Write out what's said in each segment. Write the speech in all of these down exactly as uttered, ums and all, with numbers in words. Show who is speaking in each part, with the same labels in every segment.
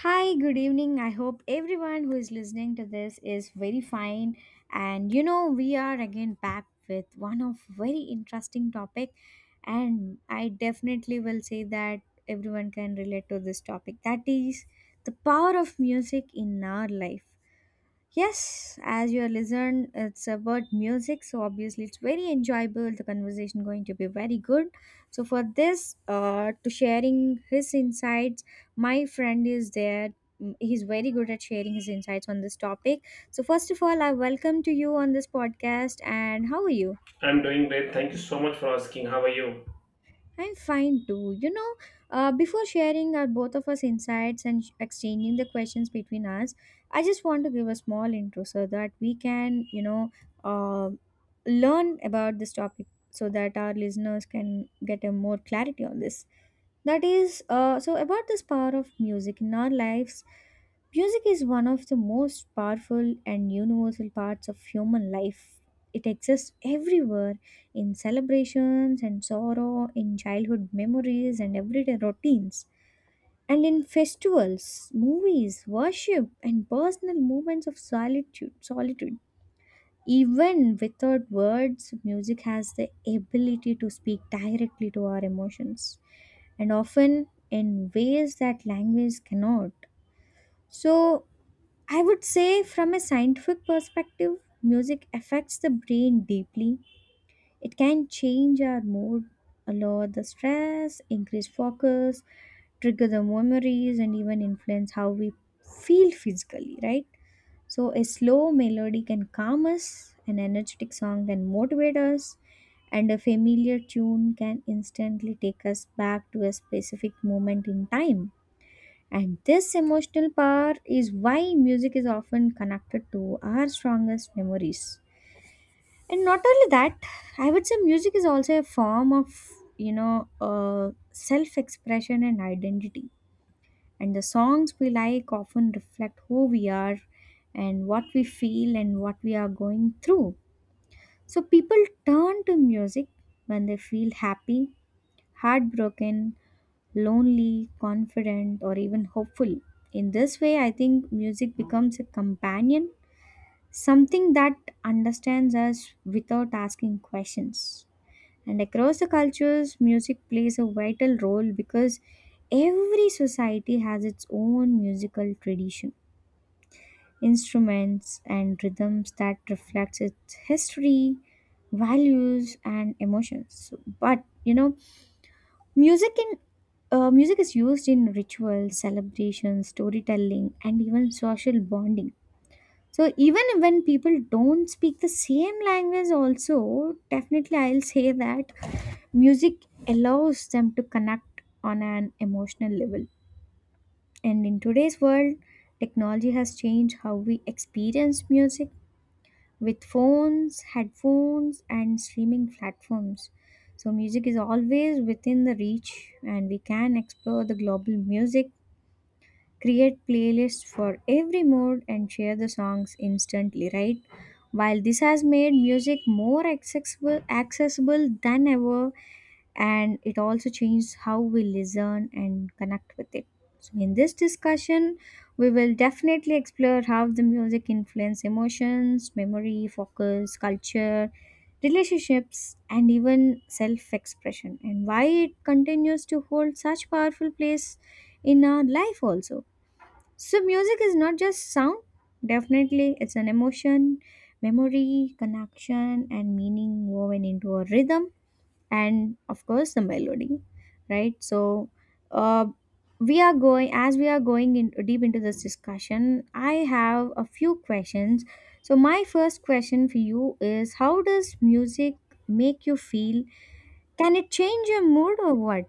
Speaker 1: Hi, good evening. I hope everyone who is listening to this is very fine. And you know, we are again back with one of very interesting topic and I definitely will say that everyone can relate to this topic. That is the power of music in our life. Yes, as you are listened, it's about music, so obviously it's very enjoyable. The conversation going to be very good. So for this, uh, to sharing his insights, my friend is there. Mm, He's very good at sharing his insights on this topic. So first of all, I welcome to you on this podcast. And how are you?
Speaker 2: I'm doing great. Thank you so much for asking. How are you?
Speaker 1: I'm fine too. You know, uh, before sharing our both of us insights and sh- exchanging the questions between us, I just want to give a small intro so that we can, you know, uh, learn about this topic so that our listeners can get a more clarity on this. That is, uh, so about this power of music in our lives, music is one of the most powerful and universal parts of human life. It exists everywhere in celebrations and sorrow, in childhood memories and everyday routines, and in festivals, movies, worship, and personal moments of solitude. solitude. Even without words, music has the ability to speak directly to our emotions and often in ways that language cannot. So, I would say, from a scientific perspective, music affects the brain deeply. It can change our mood, lower the stress, increase focus, trigger the memories, and even influence how we feel physically, right? So, a slow melody can calm us, an energetic song can motivate us, and a familiar tune can instantly take us back to a specific moment in time. And this emotional power is why music is often connected to our strongest memories. And not only that, I would say music is also a form of, you know, uh, self expression and identity, and the songs we like often reflect who we are and what we feel and what we are going through. So people turn to music when they feel happy, heartbroken, lonely, confident, or even hopeful. In this way, I think music becomes a companion, something that understands us without asking questions. And across the cultures, music plays a vital role because every society has its own musical tradition, instruments, and rhythms that reflects its history, values, and emotions. So, but you know, music in uh, music is used in rituals, celebrations, storytelling, and even social bonding. So even when people don't speak the same language, also definitely I'll say that music allows them to connect on an emotional level. And in today's world, technology has changed how we experience music with phones, headphones, and streaming platforms. So, music is always within the reach, and we can explore the global music, create playlists for every mood, and share the songs instantly, right? While this has made music more accessible, accessible than ever, and it also changes how we listen and connect with it. So, in this discussion, we will definitely explore how the music influences emotions, memory, focus, culture, relationships, and even self expression, and why it continues to hold such powerful place in our life also. So, music is not just sound, definitely, it's an emotion, memory, connection, and meaning woven into a rhythm and of course the melody, right? So, uh, we are going, as we are going in deep into this discussion, I have a few questions. So my first question for you is, how does music make you feel? Can it change your mood or what?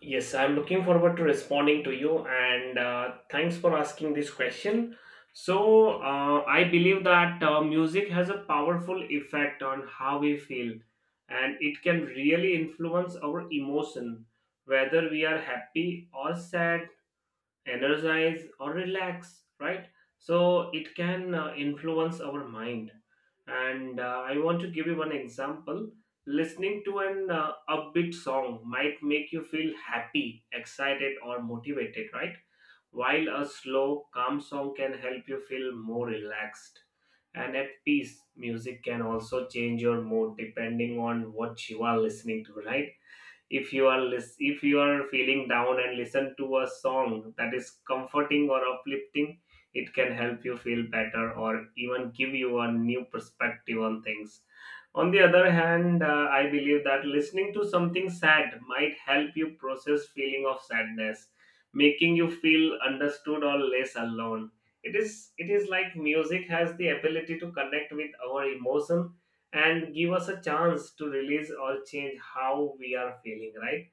Speaker 2: Yes, I'm looking forward to responding to you and uh, thanks for asking this question. So, uh, I believe that uh, music has a powerful effect on how we feel and it can really influence our emotion, whether we are happy or sad, energize or relax, right? So it can uh, influence our mind, and uh, I want to give you one example. Listening to an uh, upbeat song might make you feel happy, excited, or motivated, right? While a slow, calm song can help you feel more relaxed and at peace. Music can also change your mood depending on what you are listening to, right? If you are lis- if you are feeling down and listen to a song that is comforting or uplifting, it can help you feel better or even give you a new perspective on things. On the other hand, uh, I believe that listening to something sad might help you process feeling of sadness, making you feel understood or less alone. It is it is like music has the ability to connect with our emotion and give us a chance to release or change how we are feeling, right?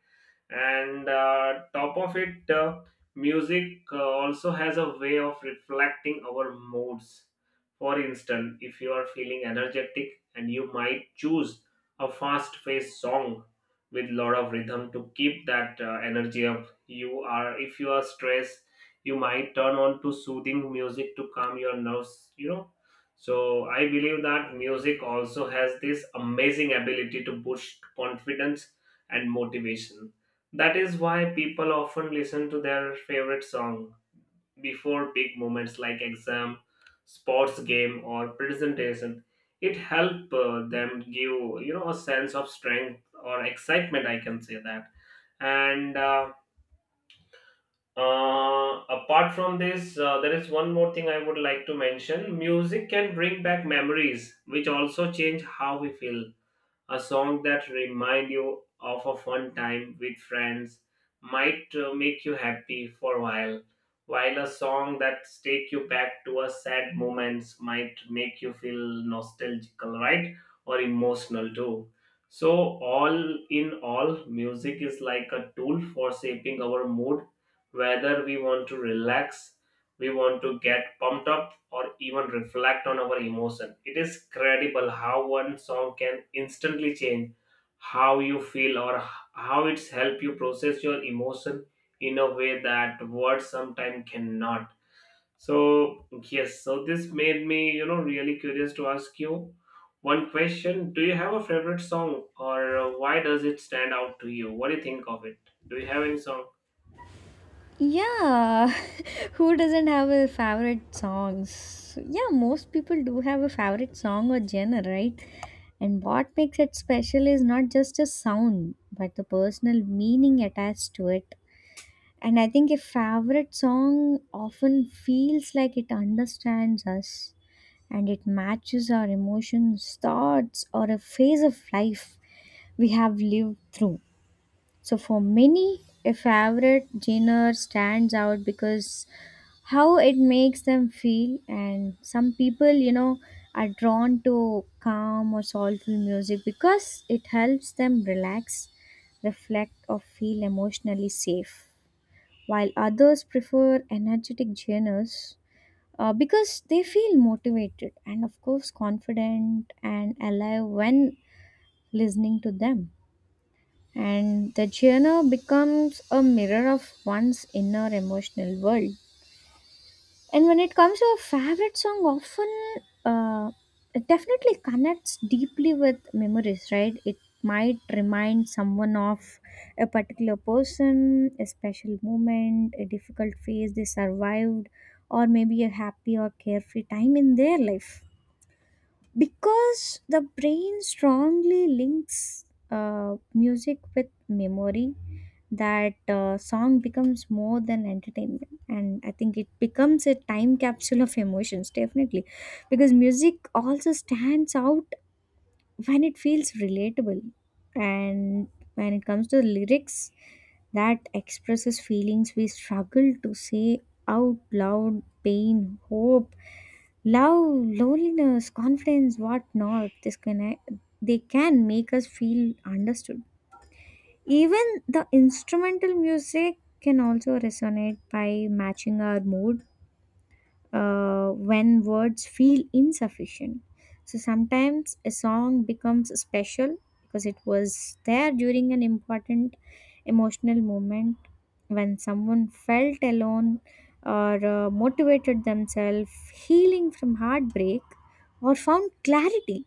Speaker 2: And uh, top of it uh, music uh, also has a way of reflecting our moods. For instance, if you are feeling energetic and you might choose a fast paced song with lot of rhythm to keep that uh, energy up. You are If you are stressed, you might turn on to soothing music to calm your nerves, you know. So I believe that music also has this amazing ability to boost confidence and motivation. That is why people often listen to their favorite song before big moments like exam, sports game, or presentation. It helps them give, you know a sense of strength or excitement, I can say that. And uh, uh, Apart from this, uh, there is one more thing I would like to mention. Music can bring back memories, which also change how we feel. A song that remind you of a fun time with friends might uh, make you happy for a while while a song that take you back to a sad moments might make you feel nostalgical, right? Or emotional too. So all in all, music is like a tool for shaping our mood. Whether we want to relax, we want to get pumped up, or even reflect on our emotion, it is credible how one song can instantly change how you feel, or h- how it's help you process your emotion in a way that words sometimes cannot. So yes, so this made me, you know, really curious to ask you one question. Do you have a favorite song, or uh, why does it stand out to you? What do you think of it? Do you have any song?
Speaker 1: Yeah, who doesn't have a favorite songs? Yeah, most people do have a favorite song or genre, right? And what makes it special is not just a sound, but the personal meaning attached to it. And I think a favorite song often feels like it understands us and it matches our emotions, thoughts, or a phase of life we have lived through. So, for many, a favorite genre stands out because how it makes them feel, and some people, you know, are drawn to calm or soulful music because it helps them relax, reflect, or feel emotionally safe, while others prefer energetic genres uh, because they feel motivated and of course confident and alive when listening to them, and the genre becomes a mirror of one's inner emotional world. And when it comes to a favorite song, often, uh, it definitely connects deeply with memories, right? It might remind someone of a particular person, a special moment, a difficult phase they survived, or maybe a happy or carefree time in their life. Because the brain strongly links uh, music with memory, that uh, song becomes more than entertainment, and I think it becomes a time capsule of emotions definitely, because music also stands out when it feels relatable, and when it comes to lyrics that expresses feelings we struggle to say out loud, pain, hope, love, loneliness, confidence, whatnot, this can they can make us feel understood. Even the instrumental music can also resonate by matching our mood uh, when words feel insufficient. So sometimes a song becomes special because it was there during an important emotional moment when someone felt alone, or uh, motivated themselves, healing from heartbreak, or found clarity.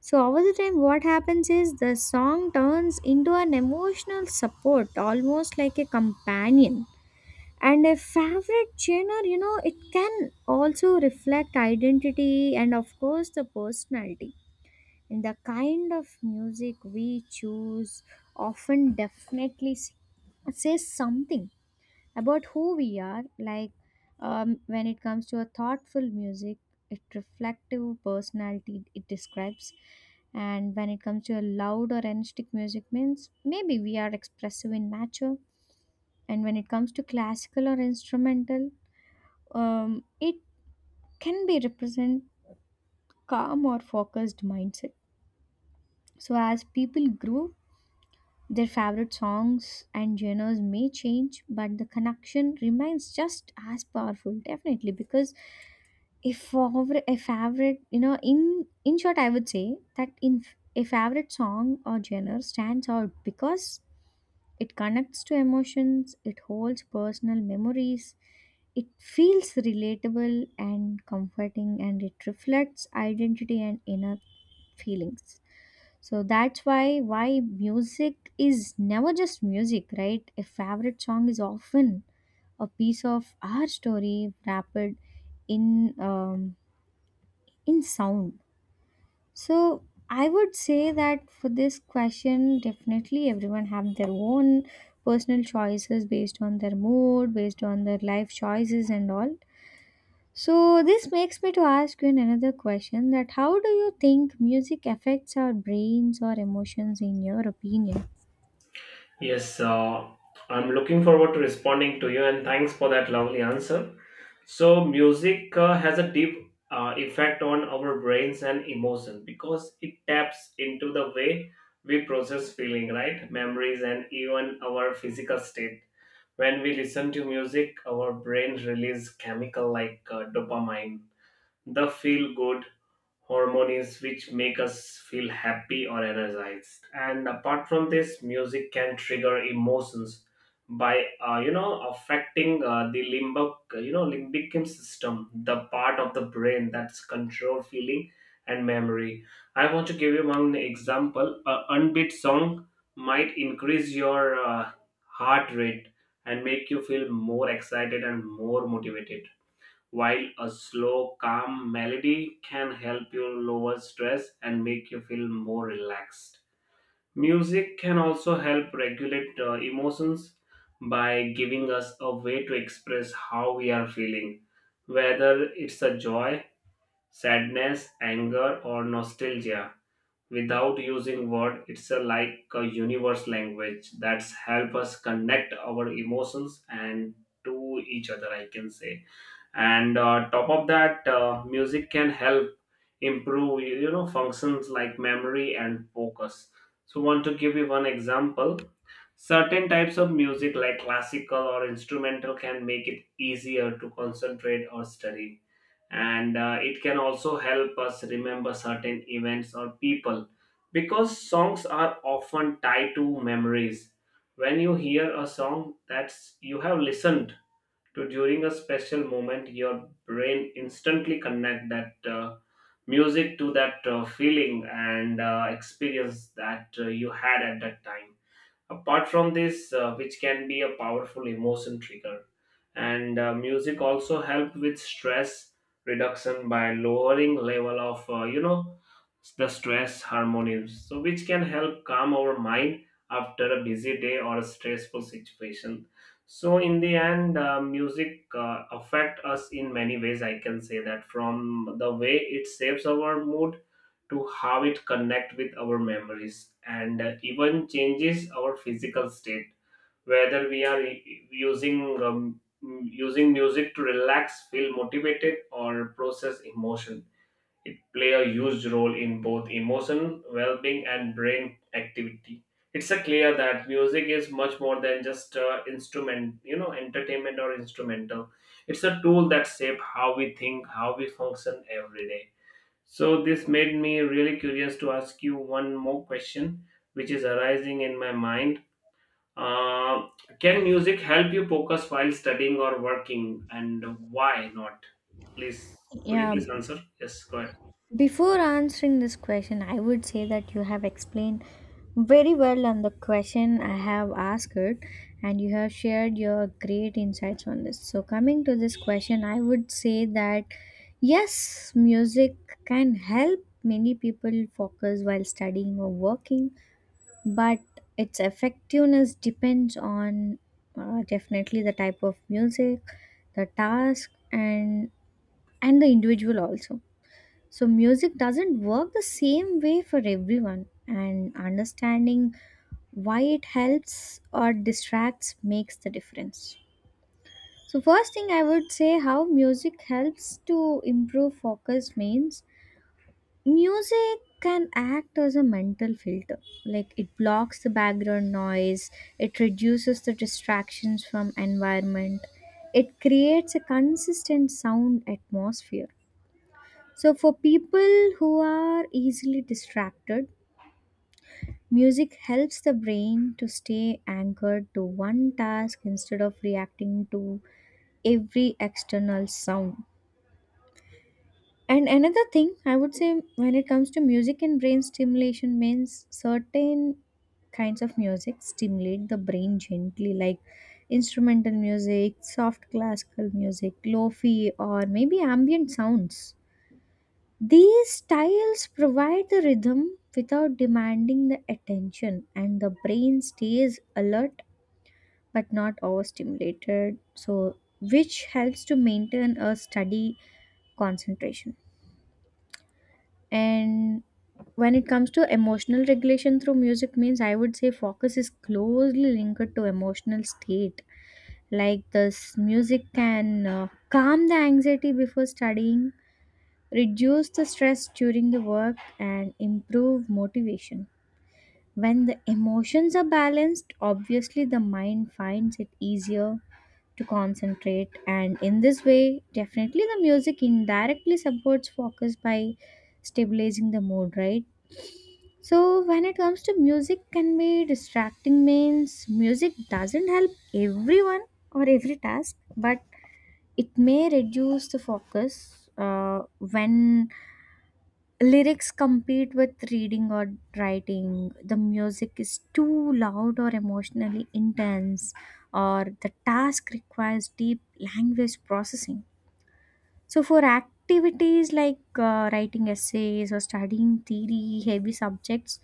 Speaker 1: So over the time, what happens is the song turns into an emotional support, almost like a companion. And a favorite genre, you know, it can also reflect identity and, of course, the personality. And the kind of music we choose often definitely s- says something about who we are, like, um, when it comes to a thoughtful music, it reflective personality it describes, and when it comes to a loud or energetic music means maybe we are expressive in nature, and when it comes to classical or instrumental, um, it can be represent calm or focused mindset. So as people grow, their favorite songs and genres may change, but the connection remains just as powerful definitely, because a favorite a favorite you know, in in short, I would say that in f- a favorite song or genre stands out because it connects to emotions, it holds personal memories, it feels relatable and comforting, and it reflects identity and inner feelings. So that's why why music is never just music, right? A favorite song is often a piece of our story wrapped in, um, in sound. So I would say that for this question definitely everyone have their own personal choices based on their mood, based on their life choices, and all. So this makes me to ask you another question, that how do you think music affects our brains or emotions in your opinion?
Speaker 2: Yes, uh, I'm looking forward to responding to you, and thanks for that lovely answer. So music uh, has a deep uh, effect on our brains and emotion because it taps into the way we process feeling, right? Memories and even our physical state. When we listen to music, our brain releases chemical like uh, dopamine, the feel good hormones, which make us feel happy or energized. And apart from this, music can trigger emotions by uh, you know, affecting uh, the limbic, you know limbic system, the part of the brain that's control feeling and memory. I want to give you one example: a unbeat song might increase your uh, heart rate and make you feel more excited and more motivated, while a slow, calm melody can help you lower stress and make you feel more relaxed. Music can also help regulate uh, emotions by giving us a way to express how we are feeling, whether it's a joy, sadness, anger, or nostalgia. Without using word, it's a, like a universe language that's help us connect our emotions and to each other, I can say. And uh, top of that, uh, music can help improve you you know, functions like memory and focus. So want to give you one example: certain types of music like classical or instrumental can make it easier to concentrate or study. And uh, it can also help us remember certain events or people because songs are often tied to memories. When you hear a song that you have listened to during a special moment, your brain instantly connect that uh, music to that uh, feeling and uh, experience that uh, you had at that time. Apart from this, uh, which can be a powerful emotion trigger, and uh, music also help with stress reduction by lowering level of uh, you know the stress hormones, so which can help calm our mind after a busy day or a stressful situation. So in the end, uh, music uh, affect us in many ways, I can say that. From the way it shapes our mood to how it connect with our memories and uh, even changes our physical state, whether we are u- using um, using music to relax, feel motivated, or process emotion, it play a huge role in both emotion well-being and brain activity. It's a clear that music is much more than just uh, instrument, you know, entertainment or instrumental. It's a tool that shape how we think, how we function every day. So this made me really curious to ask you one more question, which is arising in my mind. Uh, can music help you focus while studying or working, and why not? Please, could you
Speaker 1: Yeah,
Speaker 2: please answer? Yes, go ahead.
Speaker 1: before answering this question, I would say that you have explained very well on the question I have asked it, and you have shared your great insights on this. So, coming to this question, I would say that yes, music can help many people focus while studying or working, but its effectiveness depends on, uh, definitely, the type of music, the task, and and the individual also. So, music doesn't work the same way for everyone, and understanding why it helps or distracts makes the difference. So, first thing I would say, how music helps to improve focus means music can act as a mental filter. Like, it blocks the background noise, it reduces the distractions from environment, it creates a consistent sound atmosphere. So, for people who are easily distracted, music helps the brain to stay anchored to one task instead of reacting to every external sound. And another thing I would say, when it comes to music and brain stimulation means, certain kinds of music stimulate the brain gently, like instrumental music, soft classical music, lo fi, or maybe ambient sounds. These styles provide the rhythm without demanding the attention, and the brain stays alert but not overstimulated, so which helps to maintain a steady concentration. And when it comes to emotional regulation through music means, I would say focus is closely linked to emotional state. Like this, music can uh, calm the anxiety before studying, reduce the stress during the work, and improve motivation. When the emotions are balanced, obviously the mind finds it easier to concentrate, and in this way, definitely the music indirectly supports focus by stabilizing the mood, right? So, when it comes to music, can be distracting means music doesn't help everyone or every task, but it may reduce the focus uh, when lyrics compete with reading or writing, the music is too loud or emotionally intense, or the task requires deep language processing. So for activities like uh, writing essays or studying theory heavy subjects,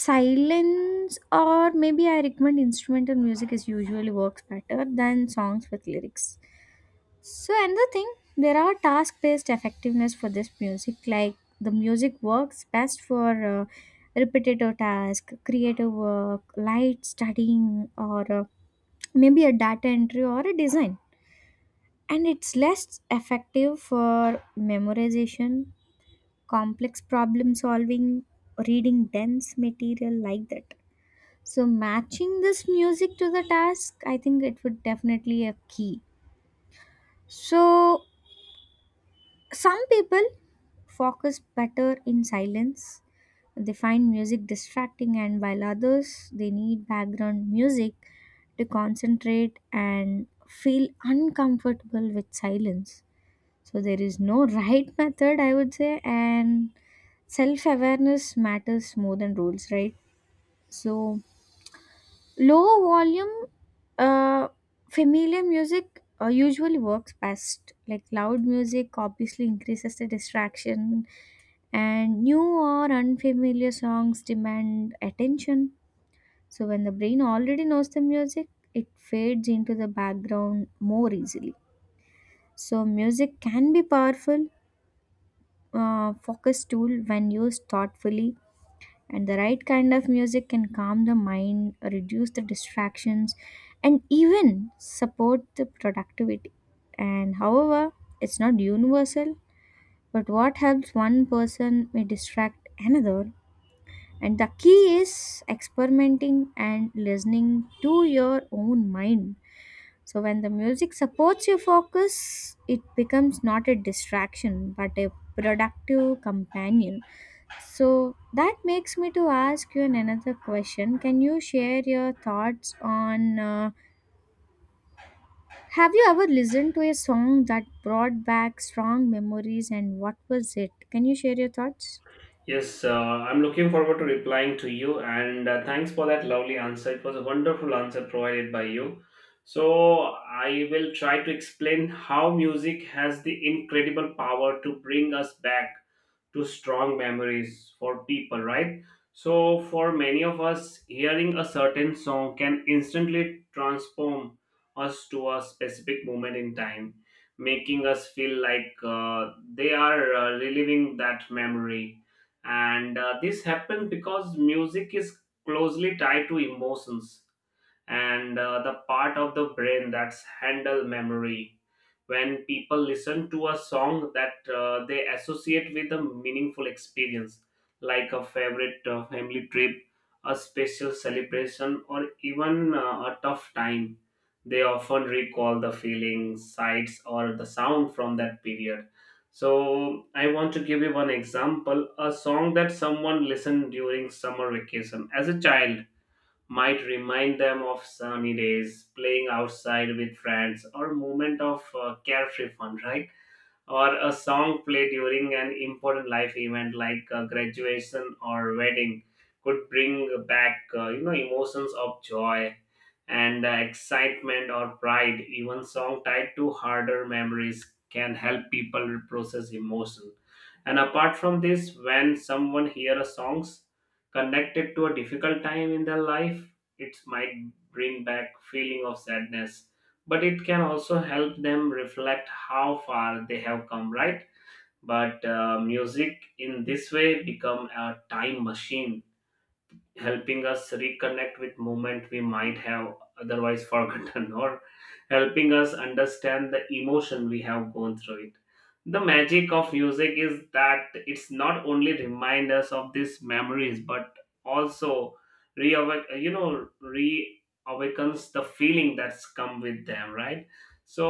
Speaker 1: silence or maybe I recommend instrumental music is usually works better than songs with lyrics. So another thing, there are task-based effectiveness for this music. Like the music works best for uh, repetitive task, creative work, light studying, or uh, maybe a data entry or a design. And it's less effective for memorization, complex problem solving, reading dense material like that. So matching this music to the task, I think it would definitely a key. So some people focus better in silence. They find music distracting, and while others they need background music to concentrate and feel uncomfortable with silence. So, there is no right method, I would say, and self awareness matters more than rules, right? So, low volume, uh, familiar music uh, usually works best. Like loud music obviously increases the distraction and new or unfamiliar songs demand attention. So, when the brain already knows the music, it fades into the background more easily. So, music can be powerful uh, focus tool when used thoughtfully, and the right kind of music can calm the mind, reduce the distractions, and even support the productivity. And however, it's not universal, but what helps one person may distract another. And the key is experimenting and listening to your own mind. So, when the music supports your focus, it becomes not a distraction but a productive companion. So, that makes me to ask you another question. Can you share your thoughts on uh, have you ever listened to a song that brought back strong memories and what was it? Can you share your thoughts?
Speaker 2: Yes, uh, I'm looking forward to replying to you, and uh, thanks for that lovely answer. It was a wonderful answer provided by you. So I will try to explain how music has the incredible power to bring us back to strong memories for people, right? So, for many of us, hearing a certain song can instantly transform us to a specific moment in time, making us feel like uh, they are uh, reliving that memory. And uh, this happened because music is closely tied to emotions and uh, the part of the brain that's handle memory. When people listen to a song that uh, they associate with a meaningful experience, like a favorite uh, family trip, a special celebration, or even uh, a tough time, they often recall the feelings, sights, or the sound from that period. So, I want to give you one example: a song that someone listened during summer vacation as a child might remind them of sunny days, playing outside with friends, or moment of uh, carefree fun, right? Or a song played during an important life event like a graduation or wedding could bring back uh, you know emotions of joy and uh, excitement or pride. Even song tied to harder memories can help people process emotion. And apart from this, when someone hear a songs connected to a difficult time in their life, it might bring back feeling of sadness, but it can also help them reflect how far they have come, right? But uh, music in this way become a time machine, helping us reconnect with movement we might have otherwise forgotten, or helping us understand the emotion we have gone through it. The magic of music is that it's not only remind us of these memories but also reawake you know reawakens the feeling that's come with them, right? So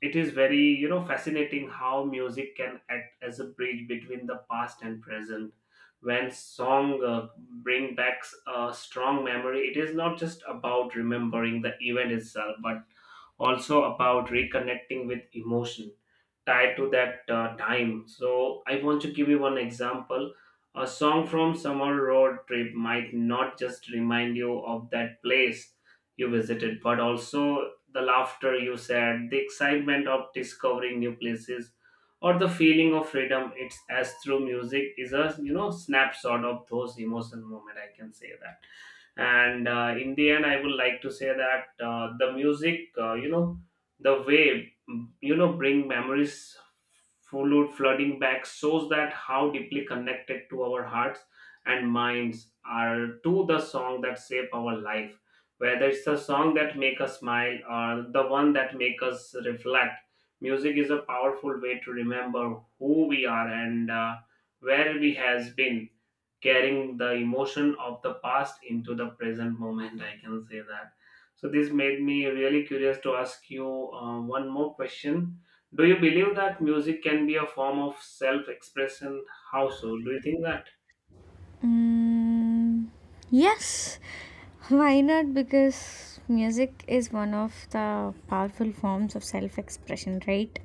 Speaker 2: it is very, you know, fascinating how music can act as a bridge between the past and present. When song uh, bring back a strong memory, it is not just about remembering the event itself but also about reconnecting with emotion tied to that uh, time. So I want to give you one example: a song from summer road trip might not just remind you of that place you visited but also the laughter you shared, the excitement of discovering new places, or the feeling of freedom. It's as through music is a, you know, snapshot of those emotional moment, I can say that. And uh, in the end, I would like to say that uh, the music, uh, you know the way mm, you know bring memories followed flooding back shows that how deeply connected to our hearts and minds are to the song that shape our life. Whether it's the song that make us smile or the one that make us reflect, music is a powerful way to remember who we are and uh, where we has been, carrying the emotion of the past into the present moment, I can say that. So this made me really curious to ask you uh, one more question. Do you believe that music can be a form of self-expression? How so? Do you think that?
Speaker 1: Mm, yes, why not? Because music is one of the powerful forms of self expression, right?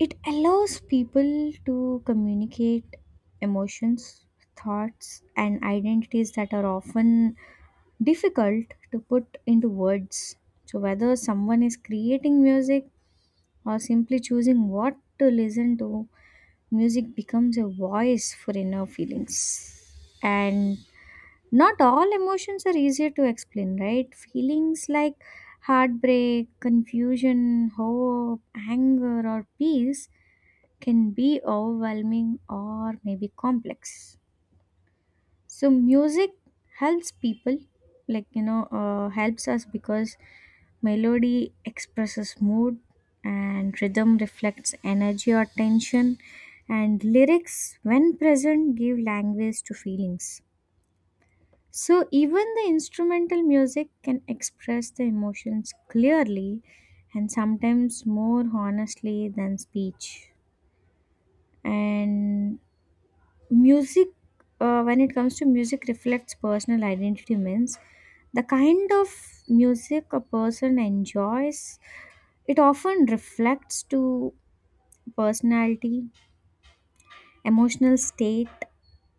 Speaker 1: It allows people to communicate emotions, thoughts, and identities that are often difficult to put into words. So, whether someone is creating music or simply choosing what to listen to, music becomes a voice for inner feelings. And not all emotions are easier to explain, right? Feelings like heartbreak, confusion, hope, anger, or peace can be overwhelming or maybe complex. So, music helps people, like, you know, uh, helps us because melody expresses mood and rhythm reflects energy or tension, and lyrics, when present, give language to feelings. So, even the instrumental music can express the emotions clearly and sometimes more honestly than speech. And music, uh, when it comes to music, reflects personal identity, means the kind of music a person enjoys, it often reflects to personality, emotional state,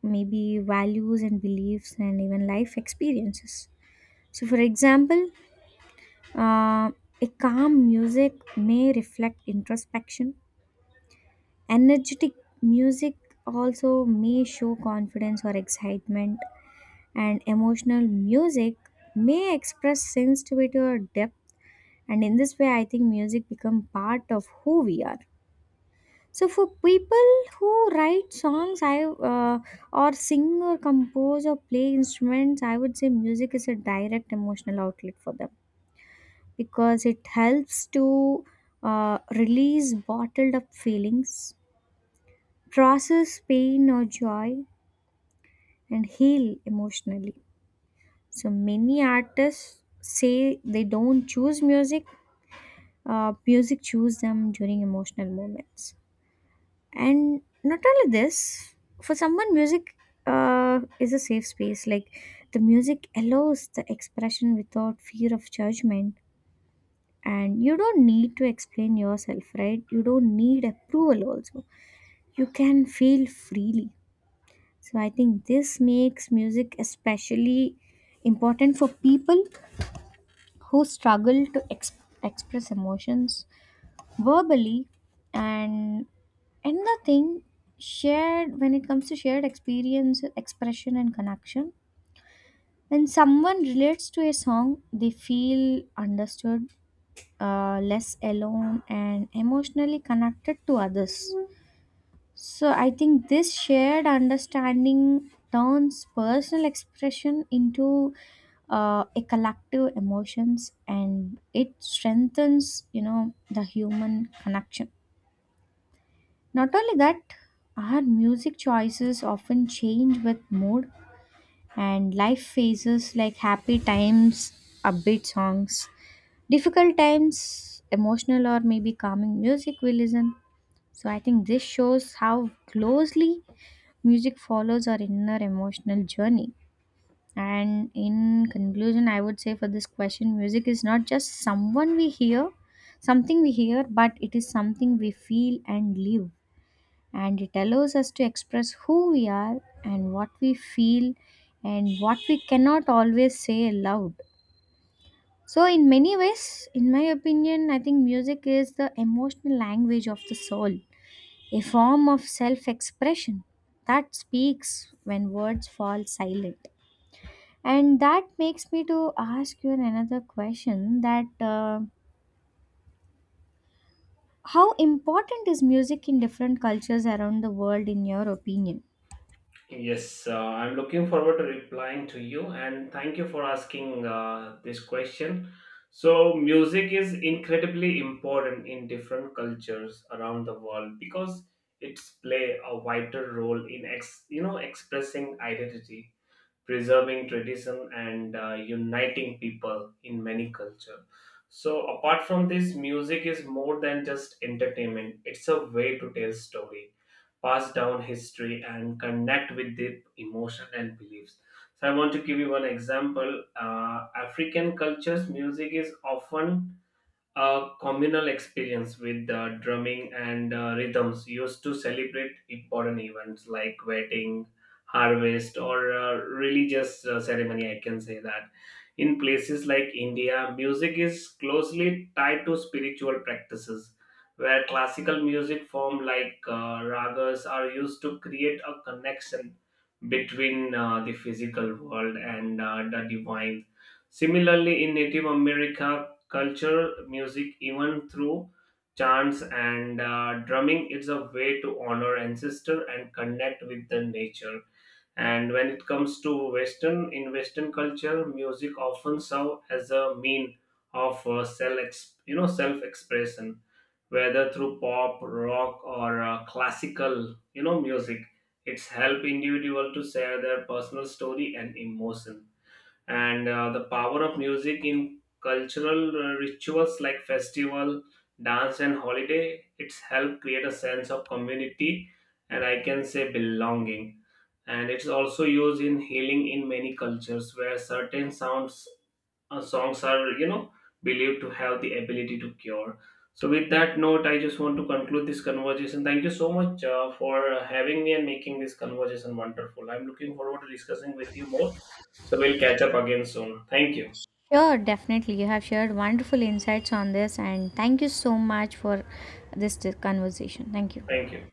Speaker 1: maybe values and beliefs, and even life experiences. So, for example, Uh, a calm music may reflect introspection. Energetic music also may show confidence or excitement, and emotional music may express sensitivity or depth. And in this way, I think music become part of who we are. So, for people who write songs, I uh, or sing or compose or play instruments, I would say music is a direct emotional outlet for them because it helps to uh, release bottled up feelings, process pain or joy, and heal emotionally. So many artists say they don't choose music, uh, music choose them during emotional moments. And not only this, for someone, music uh, is a safe space. Like the music allows the expression without fear of judgment and you don't need to explain yourself, right? You don't need approval also, you can feel freely. So I think this makes music especially important for people who struggle to ex- express emotions verbally. And another thing shared, when it comes to shared experience expression and connection, when someone relates to a song they feel understood, uh, less alone and emotionally connected to others. So I think this shared understanding turns personal expression into uh, a collective emotions and it strengthens, you know, the human connection. Not only that, our music choices often change with mood and life phases, like happy times, upbeat songs, difficult times, emotional or maybe calming music we listen. So I think this shows how closely music follows our inner emotional journey. And in conclusion, I would say for this question, music is not just someone we hear, something we hear, but it is something we feel and live. And it allows us to express who we are and what we feel and what we cannot always say aloud. So, in many ways, in my opinion, I think music is the emotional language of the soul, a form of self expression that speaks when words fall silent. And that makes me to ask you another question that uh, how important is music in different cultures around the world in your opinion?
Speaker 2: Yes, uh, I'm looking forward to replying to you and thank you for asking uh, this question. So, music is incredibly important in different cultures around the world because it's play a vital role in ex, you know expressing identity, preserving tradition, and uh, uniting people in many cultures. So, apart from this, music is more than just entertainment. It's a way to tell story, pass down history, and connect with deep emotion and beliefs. So I want to give you one example. Uh, African cultures, music is often a communal experience, with the drumming and uh, rhythms used to celebrate important events like wedding, harvest, or uh, religious uh, ceremony, I can say that. In places like India, music is closely tied to spiritual practices, where classical music form like uh, ragas are used to create a connection between uh, the physical world and uh, the divine. Similarly, in Native America, culture, music, even through chants and uh, drumming, it's a way to honor ancestor and connect with the nature. And when it comes to Western, in Western culture, music often serve as a mean of uh, self, ex- you know, self-expression, whether through pop, rock, or uh, classical, you know, music. It's help individual to share their personal story and emotion. And uh, the power of music in cultural uh, rituals like festival, dance, and holiday, it's helped create a sense of community and, I can say, belonging. And it's also used in healing in many cultures, where certain sounds, uh, songs, are, you know, believed to have the ability to cure. So with that note, I just want to conclude this conversation. Thank you so much uh, for uh, having me and making this conversation wonderful. I'm looking forward to discussing with you more. So we'll catch up again soon. Thank you.
Speaker 1: Sure, definitely. You have shared wonderful insights on this and thank you so much for this conversation. Thank you.
Speaker 2: Thank you.